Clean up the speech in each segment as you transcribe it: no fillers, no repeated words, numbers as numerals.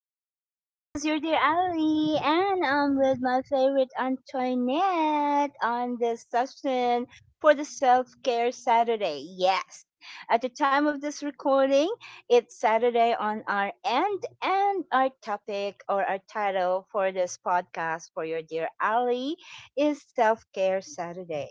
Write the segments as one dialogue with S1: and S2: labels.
S1: yay! This is your dear Ali, and I'm with my favorite Antoinette on this session for the Self Care Saturday. Yes, at the time of this recording, it's Saturday on our end, and our topic or our title for this podcast for your dear Ali is Self Care Saturday.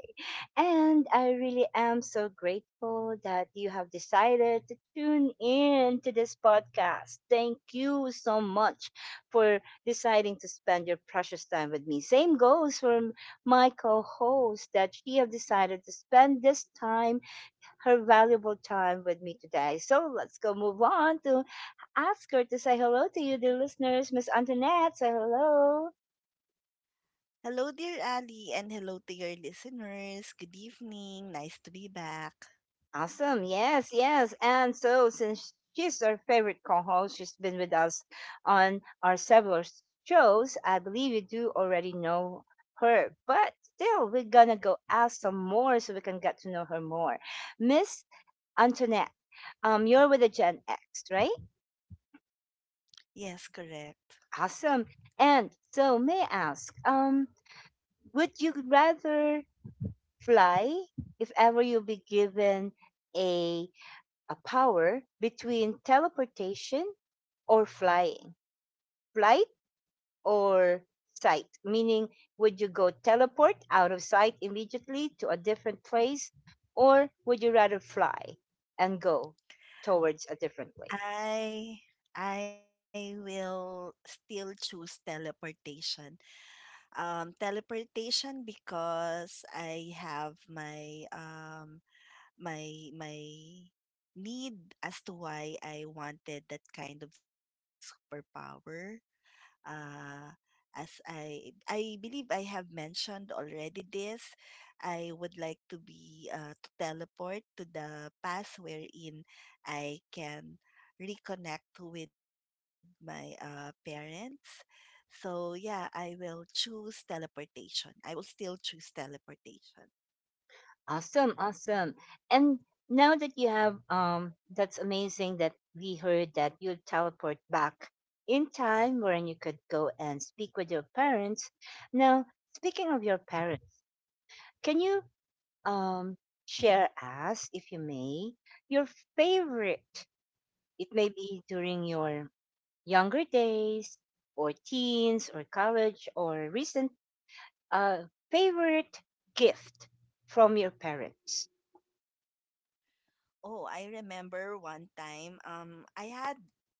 S1: And I really am so grateful that you have decided to tune in to this podcast. Thank you so much for deciding to spend your precious time with me. Same goes for my co-host that she have decided to spend this time, her valuable time with me today. So let's go move on to ask her to say hello to you, dear listeners. Miss Antoinette, say hello.
S2: Hello, dear Ali, and hello to your listeners. Good evening. Nice to be back.
S1: Awesome. Yes, yes. And so, since she's our favorite co host, she's been with us on our several shows. I believe you do already know her, but still, we're gonna go ask some more so we can get to know her more. Miss Antoinette, you're with the Gen X, right?
S2: Yes, correct.
S1: Awesome. And so, may I ask, would you rather fly if ever you'll be given a a power between teleportation or flying? Flight or sight? Meaning, would you go teleport out of sight immediately to a different place, or would you rather fly and go towards a different place?
S2: I I will still choose teleportation. Teleportation because I have my my need as to why I wanted that kind of superpower. uh, as I believe I have mentioned already this, I would like to be to teleport to the past wherein I can reconnect with my parents. So yeah, I will choose teleportation. I will still choose teleportation.
S1: Awesome, awesome. And now that you have, that's amazing that we heard that you teleport back in time wherein you could go and speak with your parents. Now, speaking of your parents, can you um, share us, if you may, your favorite. It may be during your younger days, or teens, or college, or recent favorite gift from your parents.
S2: Oh, I remember one time I had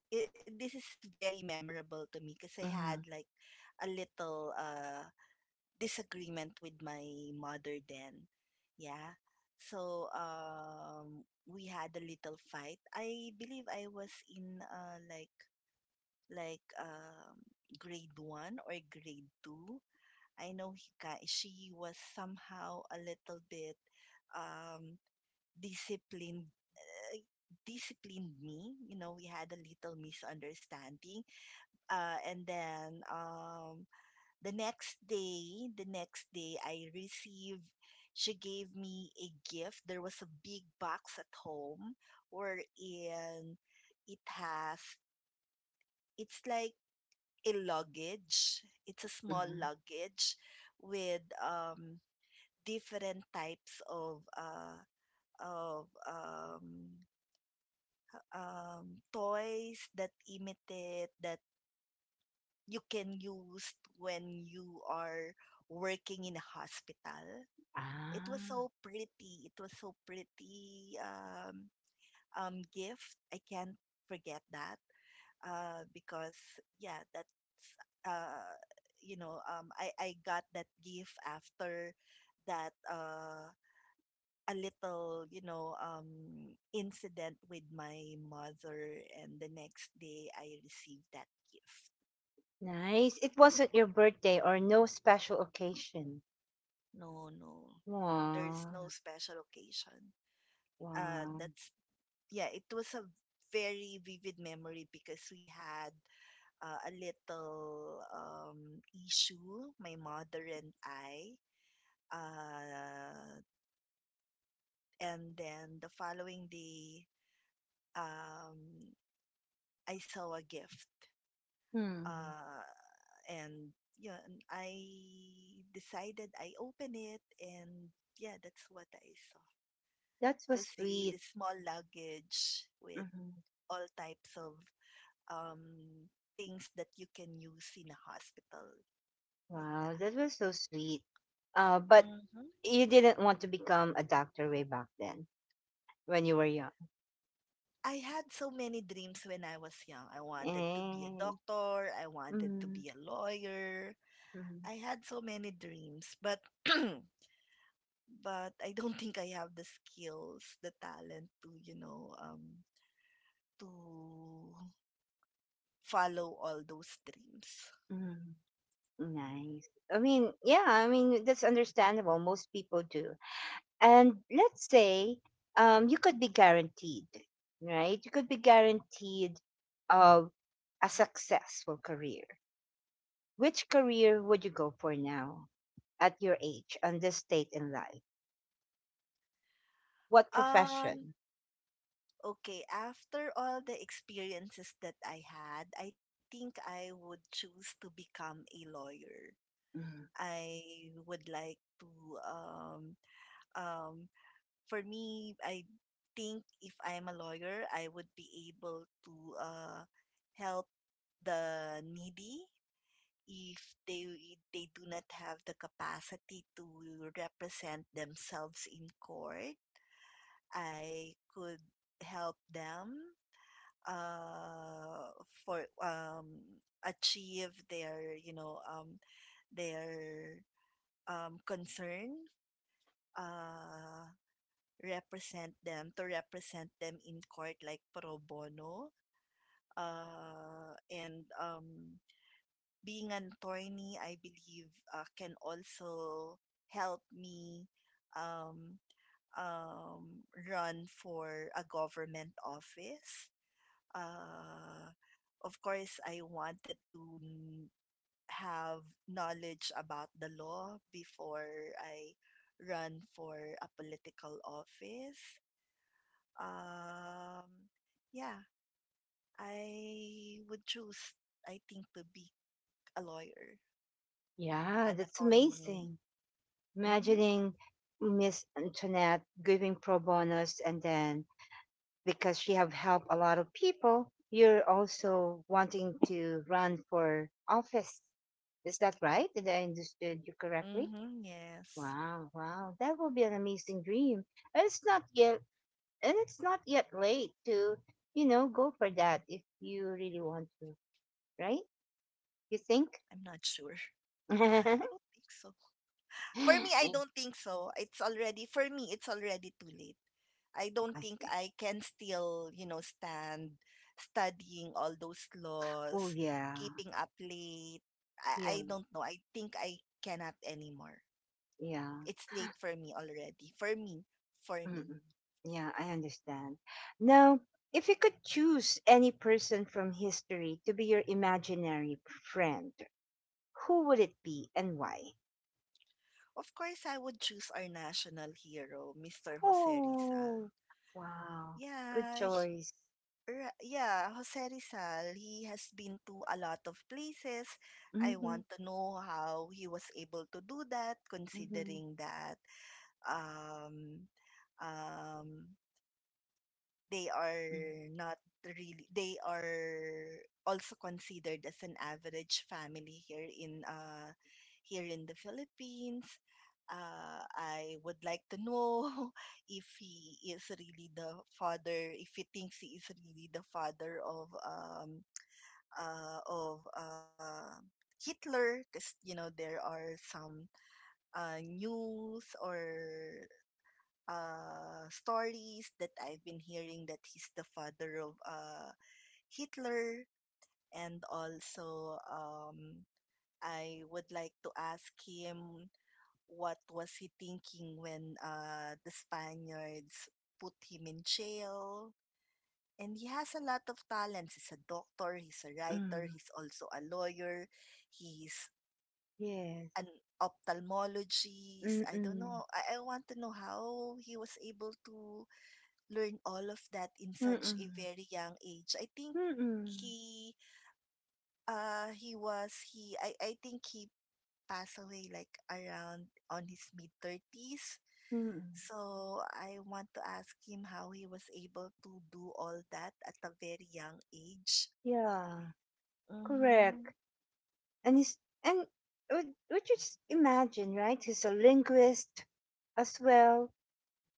S2: this is very memorable to me because I
S1: Mhm,
S2: had like a little disagreement with my mother then. Yeah. So we had a little fight. I believe I was in like like grade 1 or grade 2. I know she was somehow a little bit um disciplined, uh, disciplined me. You know, we had a little misunderstanding. And then the next day, she gave me a gift. There was a big box at home wherein it has, it's like a luggage. It's a small
S1: mhm.
S2: luggage with different types of, of um, toys that imitate that you can use when you are working in a hospital. It was
S1: Ah,
S2: so pretty. It was so pretty gift. I can't forget that because yeah, that's uh, you know, I got that gift after that a little incident with my mother, and the next day I received that gift.
S1: nice. It wasn't your birthday or no special occasion.
S2: No, no. There's
S1: Wow,
S2: no special occasion.
S1: wow.
S2: That's yeah, it was a very vivid memory because we had a little issue, my mother and I. Uh, and then the following day, um, I saw a gift.
S1: Hmm,
S2: Uh, and yeah, and I decided I open it, and yeah, that's what I saw.
S1: that was
S2: To say
S1: sweet.
S2: the small luggage with
S1: Mhm.
S2: all types of um, things that you can use in a hospital like
S1: Wow,
S2: that.
S1: that was so sweet. But
S2: Mm-hmm.
S1: you didn't want to become a doctor way back then when you were young.
S2: I had so many dreams when I was young. I
S1: Eh,
S2: wanted to be a
S1: mm,
S2: doctor, I wanted to
S1: mm,
S2: be a lawyer. I had so many dreams, but but I don't think I have the skills, the talent to, you know, to follow all those dreams.
S1: mm, nice. I mean, yeah, I mean, that's understandable. Most people do. And let's say you could be guaranteed, right? You could be guaranteed of a successful career. Which career would you go for now at your age and this state in life? What
S2: Um
S1: profession?
S2: Okay, after all the experiences that I had, I think I would choose to become a lawyer.
S1: Mm-hmm.
S2: I would like to um um for me, I think if I'm a lawyer, I would be able to help the needy if they they do not have the capacity to represent themselves in court. I could help them uh for achieve their, you know, their concern, uh represent them, to represent them in court, like pro bono, and being an attorney, I believe, can also help me um run for a government office. uh, of course, I wanted to have knowledge about the law before I run for a political office. Um, yeah, I would choose, I think, to be a lawyer,
S1: Yeah,
S2: an
S1: that's
S2: attorney.
S1: amazing.
S2: Mm-hmm.
S1: Imagining Miss Antoinette giving pro bonus and then because she have helped a lot of people, you're also wanting to run for office. Is that right? Did I understood you correctly?
S2: Mm-hmm. Yes.
S1: Wow, wow. That will be an amazing dream. And it's not yet late to, you know, go for that if you really want to, right? You think?
S2: I'm not sure. I don't think so. For me, I
S1: I
S2: don't think so. It's already, for me, it's already too late. I don't think
S1: see.
S2: I can still, you know, stand studying all those
S1: Oh
S2: laws,
S1: yeah.
S2: keeping up late. I
S1: Yeah.
S2: don't know. I think I cannot anymore.
S1: Yeah.
S2: It's late for me already. For me, for me.
S1: Mm-mm. Yeah, I understand. Now, if you could choose any person from history to be your imaginary friend, who would it be and why?
S2: Of course, I would choose our national hero, Mr. Jose Rizal.
S1: Oh, wow. Good
S2: Yeah,
S1: choice.
S2: Yeah, Jose Rizal, he has been to a lot of places. I
S1: Mm-hmm.
S2: want to know how he was able to do that,
S1: Mm-hmm.
S2: considering that um, um, they are not really they are also considered as an average family here in here in the Philippines. I would like to know if he is really the father, if he thinks he is really the father of uh of uh Hitler, because you know there are some news or stories that I've been hearing that he's the father of, Hitler, and also, I would like to ask him what was he thinking when, the Spaniards put him in jail. And he has a lot of talents. He's a doctor, he's a writer,
S1: Mm-hmm.
S2: he's also a lawyer, he's
S1: Yes.
S2: an ophthalmologist. I don't
S1: Mm-mm.
S2: know. I want to know how he was able to learn all of that in such a
S1: Mm-mm.
S2: very young age. I think
S1: Mm-mm.
S2: he he was he I think he passed away like around on his mid thirties.
S1: Mm-mm.
S2: So I want to ask him how he was able to do all that at a very young age.
S1: Yeah,
S2: Mm-hmm.
S1: correct. And he's, and would you just imagine, right? He's a linguist as well.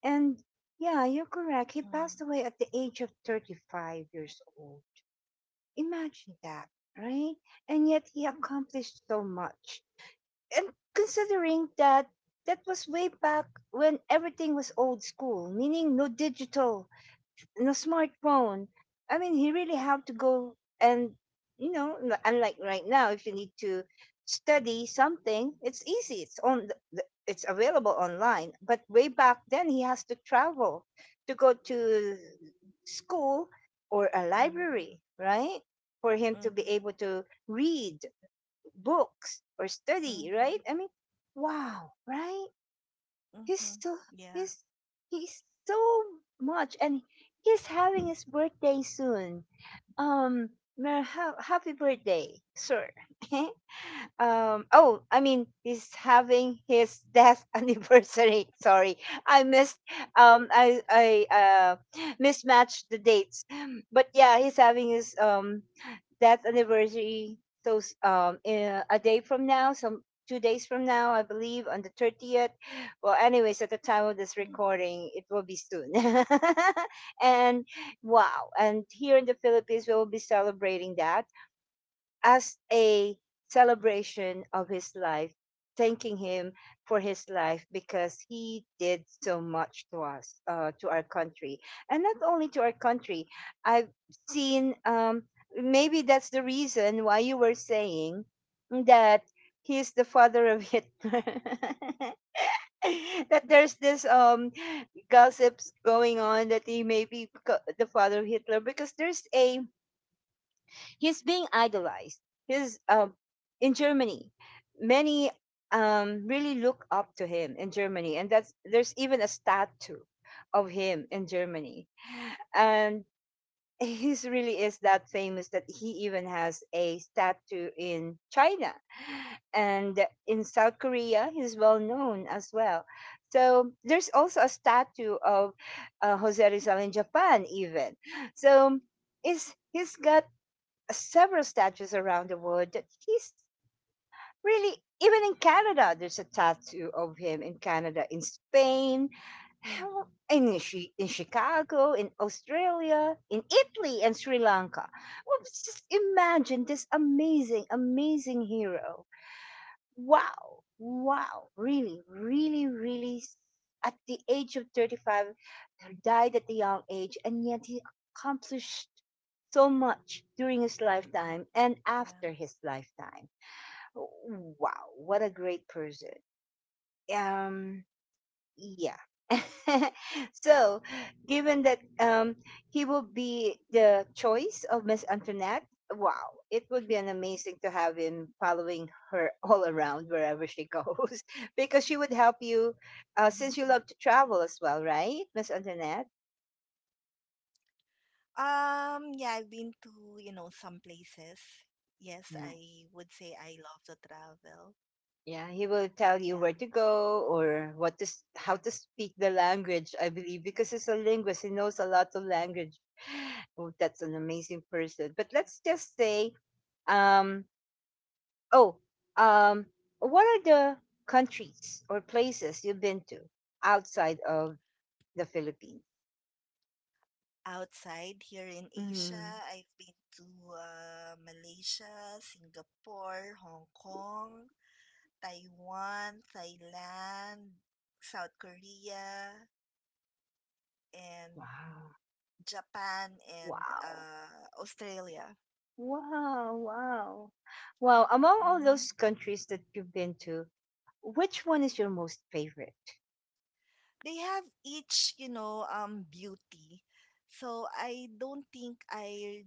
S1: And yeah, you're correct. He
S2: Mm-hmm.
S1: passed away at the age of 35 years old. Imagine that, right? And yet he accomplished so much. And considering that that was way back when everything was old school, meaning no digital and a smartphone. I mean, he really have to go and you know, unlike right now, if you need to study something, it's easy. It's on, it's available online. But way back then, he has to travel to go to school or a
S2: Mm-hmm.
S1: library, right? For him to be
S2: Mm-hmm.
S1: able to read books or study,
S2: Mm-hmm.
S1: right? I mean, wow, right?
S2: Mm-hmm.
S1: he's so
S2: Yeah.
S1: he's he's so much and he's having his birthday soon, um, happy birthday, sir. Oh, I mean, he's having his death anniversary. Sorry, I missed. I mismatched the dates. But yeah, he's having his death anniversary. So in a day from now, some 2 days from now, I believe, on the 30th. Well, anyways, at the time of this
S2: Mm-hmm.
S1: recording, it will be soon. And wow. And here in the Philippines, we will be celebrating that as a celebration of his life, thanking him for his life because he did so much to us, to our country. And not only to our country, I've seen, maybe that's the reason why you were saying that he's the father of Hitler. That there's this gossips going on that he may be the father of Hitler because there's a he's being idolized. He's in Germany, many really look up to him in Germany, and that's there's even a statue of him in Germany, and he really is that famous that he even has a statue in China. And in South Korea, he's well known as well. So there's also a statue of Jose Rizal in Japan, even. So is he's got several statues around the world that he's really even in Canada, there's a tattoo of him in Canada, in Spain, how
S2: Mm-hmm.
S1: in, Chi- in Chicago, in Australia, in Italy, and Sri Lanka. Well, just imagine this amazing, amazing hero. Wow, wow, really, really, really. At the age of 35, he died at the young age, and yet he accomplished so much during his
S2: Mm-hmm.
S1: lifetime and
S2: Yeah.
S1: after his lifetime. Wow, what a great person. Um, yeah. So, given that he will be the choice of Miss Antoinette, wow, it would be an amazing to have him following her all around wherever she goes, because she would help you, since
S2: Mm-hmm.
S1: you love to travel as well, right, Miss Antoinette?
S2: Yeah, I've been to, you know, some places. Yes,
S1: Yeah.
S2: I would say I love to travel.
S1: Yeah, he will tell you
S2: Yeah.
S1: where to go or how to speak the language, I believe, because he's a linguist. He knows a lot of language. Oh, that's an amazing person. But let's just say Um, oh, um, what are the countries or places you've been to outside of the Philippines?
S2: Outside here in
S1: Mm,
S2: Asia, I've been to Malaysia, Singapore, Hong Kong, Taiwan, Thailand, South Korea, and
S1: wow,
S2: Japan, and
S1: wow,
S2: Australia.
S1: wow, wow. Well, among all those
S2: Mm-hmm.
S1: countries that you've been to, which one is your most favorite?
S2: They have each, you know, beauty. So I don't think I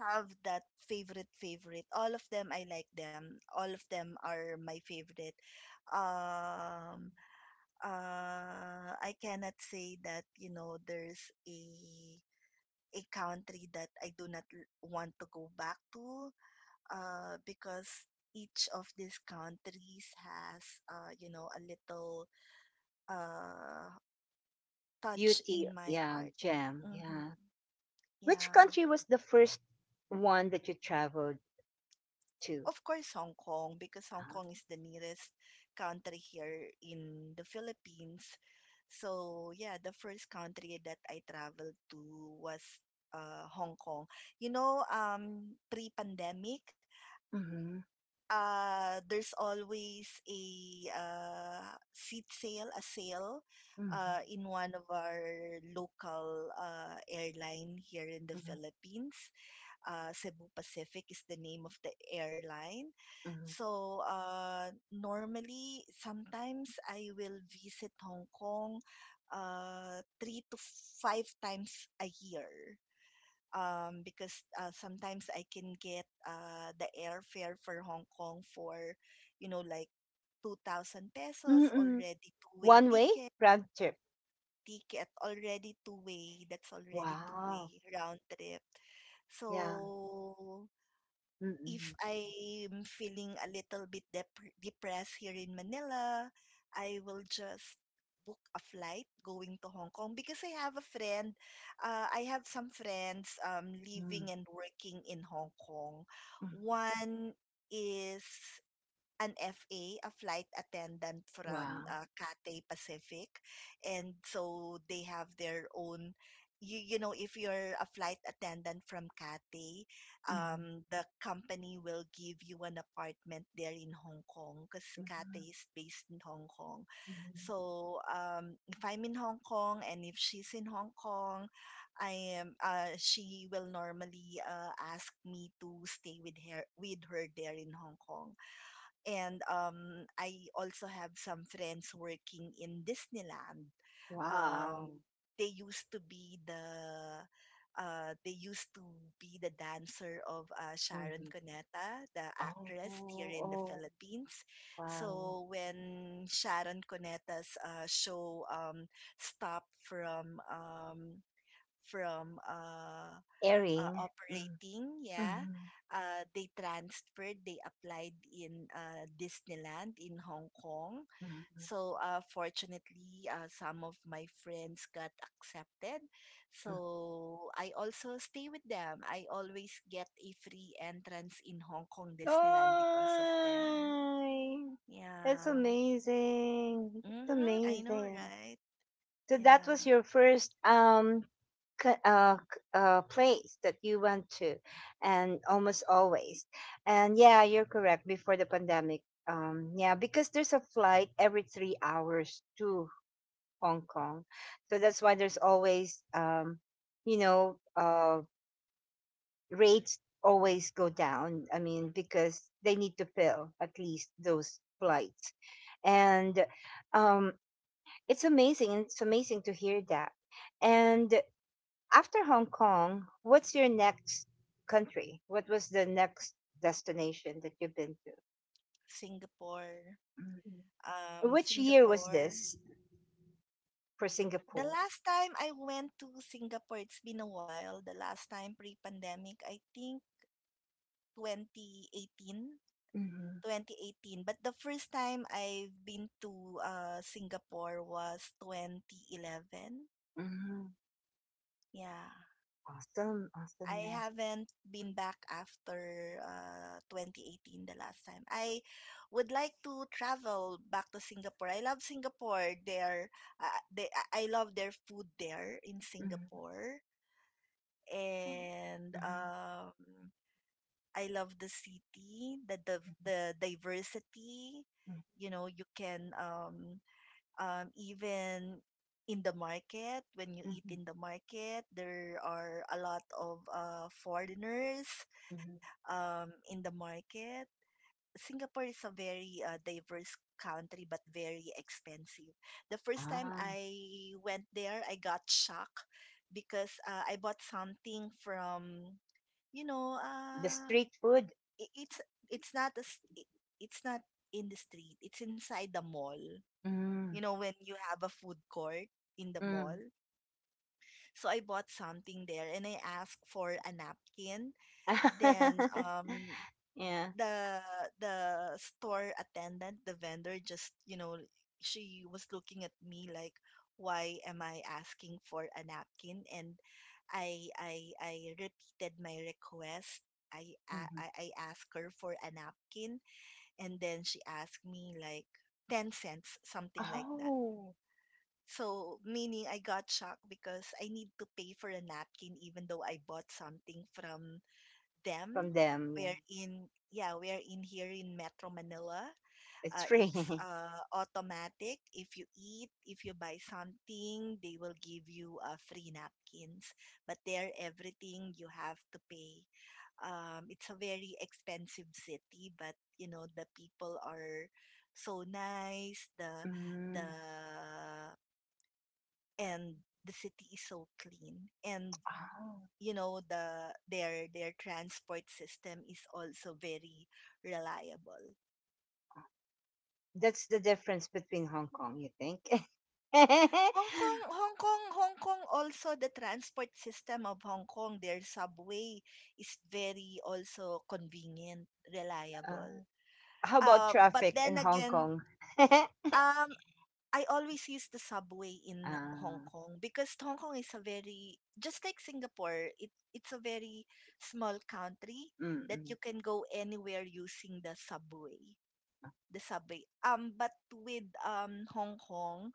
S2: have that favorite. All of them, I like them. All of them are my favorite. Um I cannot say that, you know, there's a country that I do not want to go back to because each of these countries has, you know, a little uh touch
S1: Beauty,
S2: in my
S1: yeah,
S2: heart.
S1: gem, yeah.
S2: hmm
S1: Which
S2: Yeah.
S1: country was the first one that you traveled to?
S2: Of course, Hong Kong, because Hong Kong is the nearest country here in the Philippines. So, yeah, the first country that I traveled to was Hong Kong. You know, pre-pandemic,
S1: Mm-hmm,
S2: there's always a uh, seat sale, a sale,
S1: mm-hmm,
S2: in one of our local, airline here in the Philippines. Uh, Cebu Pacific is the name of the airline.
S1: mm-hmm,
S2: So normally, sometimes I will visit Hong Kong, three to five times a year. Because, sometimes I can get, the airfare for Hong Kong for, you know, like 2,000 pesos
S1: mm-hmm.
S2: already two-way
S1: One way
S2: ticket
S1: round trip.
S2: ticket Already two-way, that's already
S1: Wow.
S2: two-way round trip.
S1: Yeah.
S2: So if
S1: Mm-mm.
S2: I'm feeling a little bit depressed here in Manila, I will just book a flight going to Hong Kong because I have a friend. I have some friends,
S1: Mm.
S2: living and working in Hong Kong.
S1: Mm.
S2: One is an FA, a flight attendant from,
S1: Wow.
S2: Cathay Pacific. And so they have their own. You know, if you're a flight attendant from Cathay,
S1: Mhm.
S2: the company will give you an apartment there in Hong Kong because
S1: Mhm.
S2: Cathay is based in Hong Kong.
S1: Mhm.
S2: So if I'm in Hong Kong and if she's in Hong Kong, I am. She will normally, ask me to stay with her there in Hong Kong. And I also have some friends working in Disneyland. Um,
S1: Wow.
S2: they used to be the, uh, they used to dancer of, Sharon
S1: Mhm.
S2: Cuneta, the
S1: Oh,
S2: actress here in the
S1: oh,
S2: Philippines.
S1: wow.
S2: So when Sharon Cuneta's, show, stopped from
S1: Airing. Mm.
S2: operating, yeah.
S1: Mhm.
S2: They transferred, they applied in, Disneyland in Hong Kong.
S1: Mhm.
S2: So fortunately, some of my friends got accepted.
S1: Mhm.
S2: So I also stay with them. I always get a free entrance in Hong Kong Disneyland because of them.
S1: Oh, that's
S2: Yeah.
S1: amazing. That's
S2: Mm-hmm. I know,
S1: amazing.
S2: right?
S1: So that was
S2: Yeah.
S1: your first place that you went to, and almost always. And yeah, you're correct. Before the pandemic, yeah, because there's a flight every 3 hours to Hong Kong, so that's why there's always, you know, uh, rates always go down. I mean, because they need to fill at least those flights, and um, it's amazing. It's amazing to hear that, and after Hong Kong, what's your next country? What was the next destination that you've been to?
S2: Singapore.
S1: Mhm. Which year was
S2: Singapore.
S1: this for
S2: The
S1: Singapore?
S2: last time I went to Singapore, it's been a while. The last time pre-pandemic, I think 2018,
S1: Mhm.
S2: 2018. But the first time I've been to, Singapore was 2011.
S1: Mhm.
S2: Yeah.
S1: Awesome,
S2: I
S1: awesomeness.
S2: haven't been back after, 2018, the last time. I would like to travel back to Singapore. I love Singapore. I love their food there in
S1: Mhm.
S2: Singapore.
S1: Mhm,
S2: And
S1: mhm,
S2: I love the city, the div
S1: mhm,
S2: the diversity. You know, you can, even in the market, when you
S1: mhm,
S2: eat
S1: mhm,
S2: in the market, there are a lot of, foreigners,
S1: mhm.
S2: in the market. Singapore is a very, diverse country, but very expensive. The first time
S1: Ah,
S2: I went there, I got shocked because, I bought something from, you know,
S1: the street food.
S2: i- it's it's not a, s- I- it's not in the street. It's inside the mall. You
S1: Mm.
S2: know, when you have a food court in the mall.
S1: Mm.
S2: So I bought something there and I asked for a napkin. Then
S1: Yeah.
S2: the the store attendant, the vendor just, you know, she was looking at me like, why am I asking for a napkin? And I repeated my request. I I
S1: Mhm.
S2: I I asked her for a napkin and then she asked me like 10 cents, something like that.
S1: Oh.
S2: So, meaning I got shocked because I need to pay for a napkin even though I bought something from
S1: From
S2: them.
S1: them, yeah.
S2: We're in here in Metro Manila.
S1: It's free.
S2: It's, automatic. If you eat, if you buy something, they will give you, free napkins. But there, everything you have to pay. It's a very expensive city, but you know the people are so nice. The
S1: Mm.
S2: and the city is so clean, and
S1: Oh.
S2: you know their transport system is also very reliable.
S1: That's the difference between Hong Kong, you think? uh,
S2: Hong Kong also, the transport system of Hong Kong, their subway is very also convenient, reliable.
S1: how about
S2: But
S1: traffic in
S2: then
S1: Hong
S2: again,
S1: Kong? uh,
S2: um, I always use the subway in Hong Kong because Hong Kong is a very, just like Singapore, it's a very small country, that you
S1: mm-mm.
S2: can go anywhere using the subway. But with Hong Kong,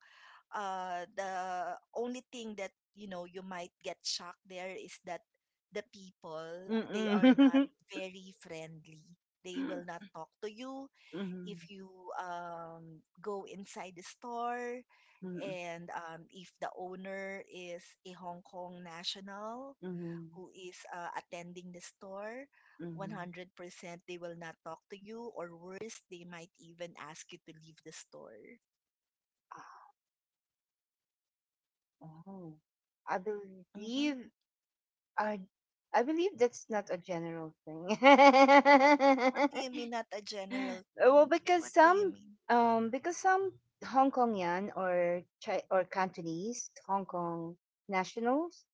S2: the only thing that you know you might get shocked there is that the people, they are not
S1: Mm-mm.
S2: very friendly. They will not talk to you
S1: Mhm.
S2: if you go inside the store,
S1: Mhm.
S2: and if the owner is a Hong Kong national
S1: Mhm.
S2: who is attending the store,
S1: Mhm.
S2: 100% they will not talk to you, or worse, they might even ask you to leave the store.
S1: Oh, I
S2: Mm-hmm.
S1: believe I, I believe that's not a general thing.
S2: What do you mean, not a general
S1: well,
S2: thing?
S1: because
S2: What do you
S1: some,
S2: mean?
S1: because some Hong Kongian or Cantonese Hong Kong nationals,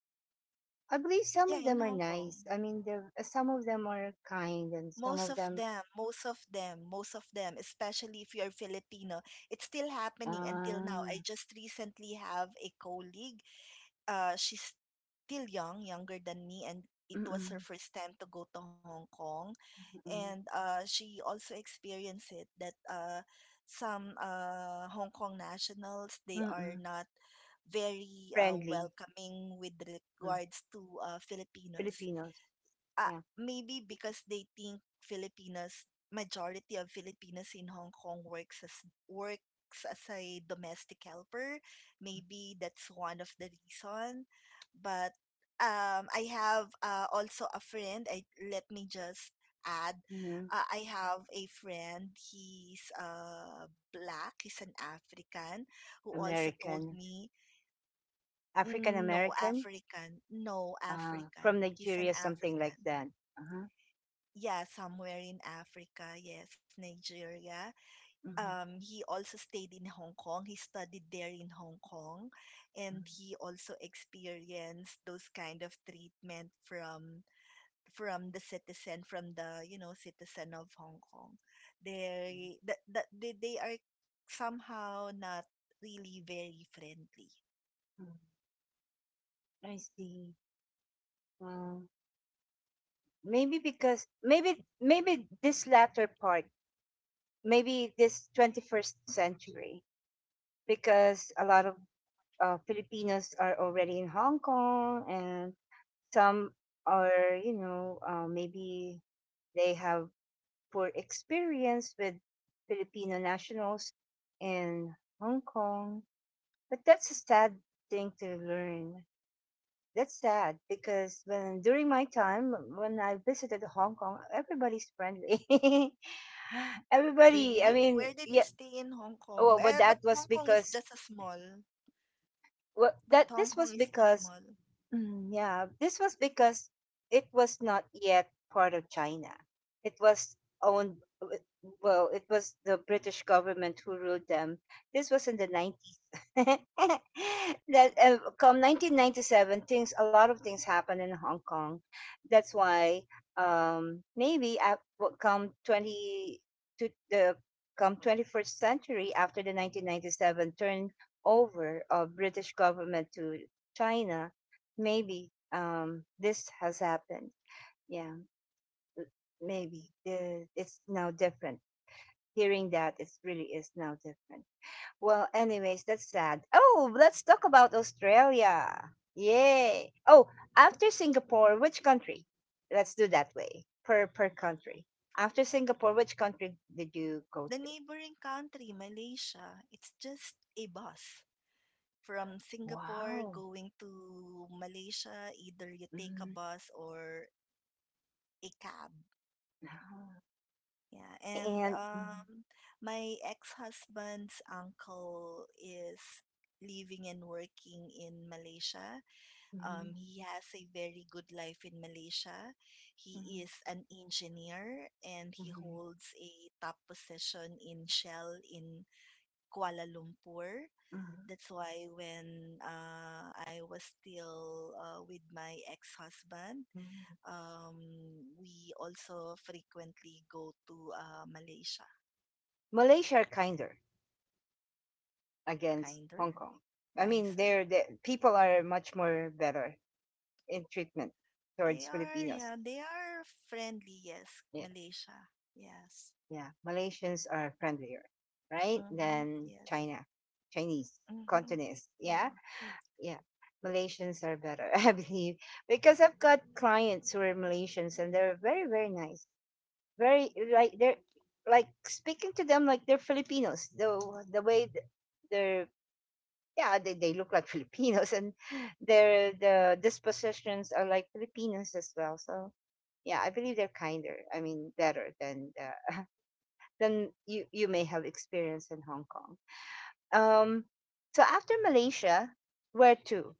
S1: I believe some
S2: Yeah,
S1: of
S2: in
S1: them are
S2: Hong Kong.
S1: nice. I mean, there some of them are kind, and some
S2: Most
S1: of
S2: of
S1: them,
S2: them, most of them, most of them, especially if you're Filipino, it's still happening until now.
S1: uh,
S2: I just recently have a colleague. She's still young, younger than me, and it was
S1: mm-mm,
S2: her first time to go to Hong Kong.
S1: mm-mm,
S2: And she also experienced it, that some Hong Kong nationals, they
S1: mm-mm,
S2: are not very
S1: friendly.
S2: welcoming with
S1: Mm.
S2: regards to Filipinos.
S1: Filipinos,
S2: uh,
S1: yeah,
S2: Maybe because they think Filipinos, majority of Filipinos in Hong Kong works as a domestic helper. Maybe that's one of the reason. But I have also a friend. I let me just add.
S1: hmm.
S2: I have a friend. He's black. He's an African who also told
S1: American,
S2: me,
S1: African
S2: "Mm, no
S1: American,
S2: African, no
S1: from
S2: African. He's an
S1: Nigeria, something like
S2: African
S1: that. Uh-huh.
S2: yeah, somewhere in Africa. Yes, Nigeria.
S1: Mm-hmm.
S2: He also stayed in Hong Kong. He studied there in Hong Kong, and he also experienced those kind of treatment from the citizen, from the you know citizen of Hong Kong. They that that they are somehow not really very friendly.
S1: Mm. I see. Well, maybe because maybe this latter part, maybe this 21st century, because a lot of Filipinos are already in Hong Kong, and some are, you know, maybe they have poor experience with Filipino nationals in Hong Kong. But that's a sad thing to learn. That's sad because when during my time when I visited Hong Kong, everybody's friendly. Everybody,
S2: Really?
S1: I mean,
S2: Where did you
S1: yeah.
S2: stay in Hong Kong?
S1: Well,
S2: Eh,
S1: but
S2: but
S1: that
S2: Hong
S1: was
S2: Kong is
S1: because
S2: just a small.
S1: well,
S2: But
S1: that
S2: Hong
S1: this
S2: Kong
S1: was
S2: is just
S1: because
S2: small.
S1: Yeah, this was because it was not yet part of China. It was owned, w- well, it was the British government who ruled them. This was in the 90s. That come 1997, things a lot of things happened in Hong Kong. That's why maybe at, what come 20 to the come 21st century after the 1997 turnover of British government to China, maybe this has happened, yeah, l- maybe it's now different, hearing that it really is now different. Well, anyways, that's sad. Oh, let's talk about Australia, yay. Oh, after Singapore, which country, let's do that way, per per country. After Singapore, which country did you go
S2: The
S1: to?
S2: neighboring country, Malaysia, it's just a bus from Singapore
S1: Wow.
S2: going to Malaysia. Either you take a
S1: Mhm.
S2: bus or a cab. Yeah, and
S1: And mhm,
S2: my ex-husband's uncle is living and working in Malaysia.
S1: mhm,
S2: He has a very good life in Malaysia. He
S1: mhm,
S2: is an engineer and he
S1: mhm,
S2: holds a top position in Shell in Kuala Lumpur.
S1: mhm,
S2: That's why when I was still with my ex-husband,
S1: mhm.
S2: um, we also frequently go to Malaysia.
S1: Malaysia are kinder against
S2: Kinder,
S1: Hong Kong. I mean,
S2: nicer.
S1: they're, the people are much more better in treatment
S2: They
S1: towards
S2: are,
S1: Filipinos.
S2: yeah, they are friendly. Yes,
S1: Yeah,
S2: Malaysia. Yes.
S1: yeah. Malaysians are friendlier, right?
S2: Mm-hmm.
S1: Than
S2: Yes.
S1: China, Chinese,
S2: Mm-hmm.
S1: Cantonese. Yeah,
S2: Yeah.
S1: yeah. Malaysians are better, I believe, because I've got clients who are Malaysians and they're very, very nice. Very like they're like speaking to them like they're Filipinos. The way th- their yeah they look like Filipinos and the dispositions are like Filipinos as well, so yeah, I believe they're kinder, I mean better than the, than you you may have experienced in Hong Kong. um so after Malaysia, where to?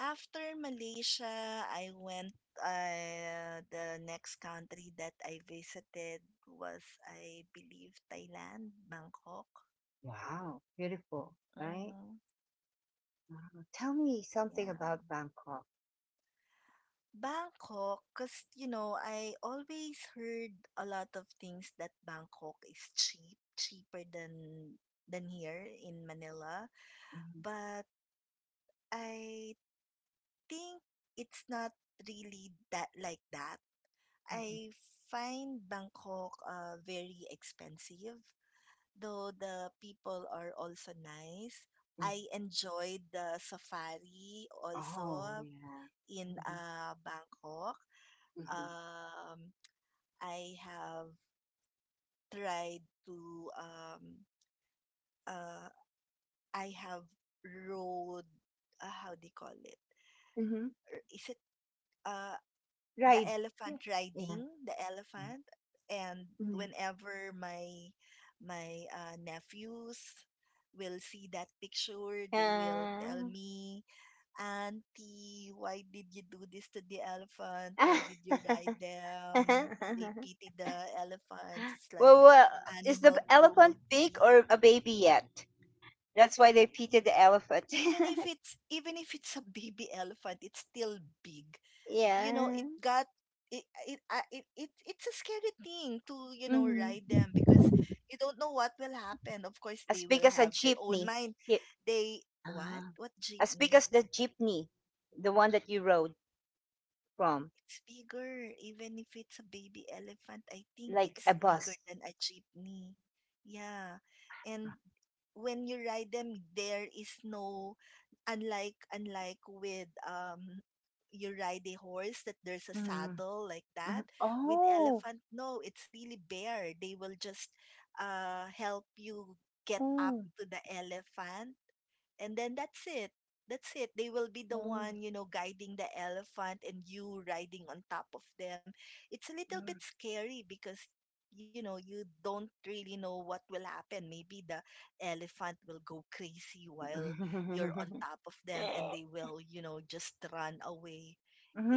S2: After Malaysia, I went. The next country that I visited was, I believe, Thailand, Bangkok.
S1: Wow, beautiful, right.
S2: Mhm.
S1: Wow. Tell me something about
S2: Yeah.
S1: Bangkok.
S2: Bangkok, because, you know, I always heard a lot of things that Bangkok is cheap, cheaper than here in Manila.
S1: Mhm,
S2: But I think it's not really that like that.
S1: mhm,
S2: I find Bangkok very expensive, though the people are also nice.
S1: mhm.
S2: I enjoyed the safari
S1: Oh
S2: also
S1: yeah.
S2: in Bangkok. um, I have tried to uh, I have rode how do you call it?
S1: Hmm hmm.
S2: Is it uh, the
S1: Right. Yeah,
S2: elephant,
S1: yeah,
S2: riding the
S1: yeah.
S2: elephant? And
S1: Mhm.
S2: whenever my nephews will see that picture, they will tell
S1: Yeah.
S2: me, Auntie, why did you do this to the elephant? Why did you ride
S1: well,
S2: them? They pity the elephants. It's like
S1: well, is the
S2: animal
S1: elephant big
S2: cruelty.
S1: or a baby yet? That's why they pitted the elephant.
S2: Even if it's a baby elephant, it's still big. You know,
S1: Yeah.
S2: it got it it, I- it it's a scary thing to you know ride
S1: Hmm.
S2: them because you don't know what will happen. Of course,
S1: As
S2: they
S1: big
S2: will
S1: as a
S2: have their own
S1: jeepney.
S2: mind.
S1: Ye-
S2: They
S1: Ah.
S2: what
S1: As big
S2: jeepney?
S1: as the jeepney, the one that you rode from,
S2: It's bigger. Even if it's a baby elephant, I think
S1: like
S2: it's
S1: a
S2: bigger
S1: bus.
S2: than a jeepney. Yeah. And when you ride them, there is no, unlike with you ride a horse, that there's a
S1: Mm-hmm.
S2: saddle like
S1: Mm-hmm.
S2: that. With
S1: Oh.
S2: elephant, no, it's really bare. They will just help you get up
S1: Mm.
S2: to the elephant, and then that's it. They will be the
S1: Mm.
S2: one, you know, guiding the elephant and you riding on top of them. It's a little bit scary because you know you don't really know what will happen. Maybe the elephant will go crazy while you're on top of them and they will, you know, just run away,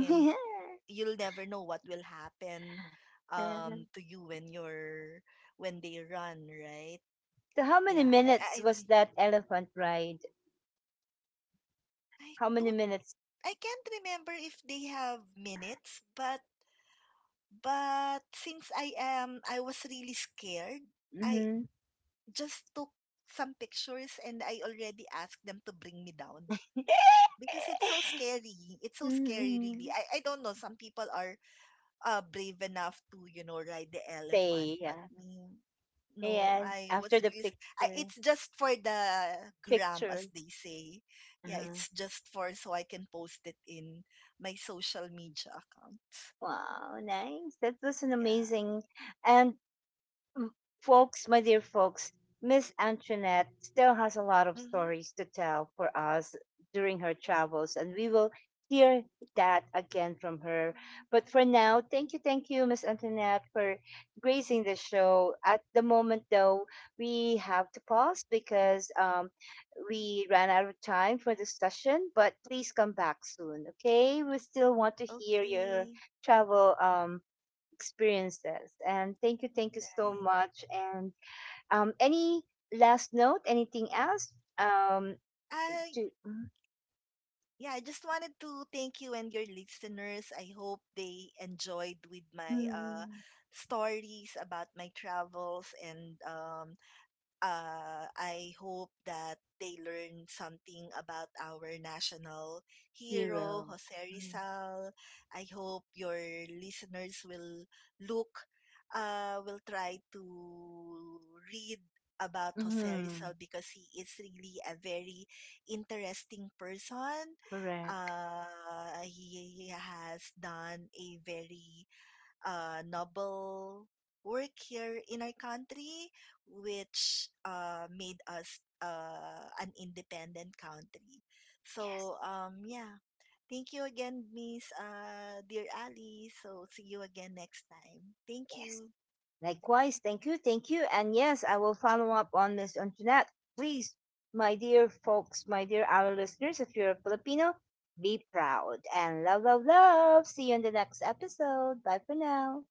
S2: and you'll never know what will happen to you when you're when they run, right?
S1: So, how many
S2: yeah i i,
S1: minutes was
S2: I
S1: that elephant ride?
S2: I
S1: How many
S2: don't
S1: minutes?
S2: I can't remember if they have minutes, but since I was really scared, I
S1: Mhm.
S2: just took some pictures and I already asked them to bring me down because it's so scary. It's so scary really.
S1: Mhm.
S2: I don't know, some people are brave enough to you know ride the elephant,
S1: Stay.
S2: but
S1: Yeah.
S2: me, no,
S1: And
S2: I was
S1: after the
S2: really. I,
S1: picture,
S2: it's just for the gram,
S1: picture.
S2: as they say. Yeah,
S1: Uh-huh.
S2: it's just for so I can post it in my social media account.
S1: Wow, nice. That was an
S2: Yeah.
S1: amazing. And mm, folks, my dear folks, Miss Antoinette still has a lot of
S2: Mm-hmm.
S1: stories to tell for us during her travels, and we will hear that again from her. But for now, thank you, Miss Antoinette, for gracing the show. At the moment, though, we have to pause because we ran out of time for the session, but please come back soon, okay? We still want to hear
S2: Okay.
S1: your travel. Experiences. And thank you
S2: Right.
S1: so much. And any last note? Anything else? Um,
S2: I
S1: to
S2: Yeah, I just wanted to thank you and your listeners. I hope they enjoyed with my
S1: mm,
S2: stories about my travels, and I hope that they learn something about our national hero,
S1: hero.
S2: Jose Rizal. I hope your listeners will look, will try to read about Jose Rizal,
S1: Mm,
S2: because he is really a very interesting person.
S1: correct.
S2: He has done a very noble work here in our country, which made us an independent country.
S1: Yes.
S2: So, yeah. Thank you again, Miss Dear Ali. So, see you again next time. Thank
S1: Yes.
S2: you.
S1: Likewise. Thank you. Thank you. And yes, I will follow up on Miss Antoinette. Please, my dear folks, my dear our listeners, if you're a Filipino, be proud and love, love, love. See you in the next episode. Bye for now.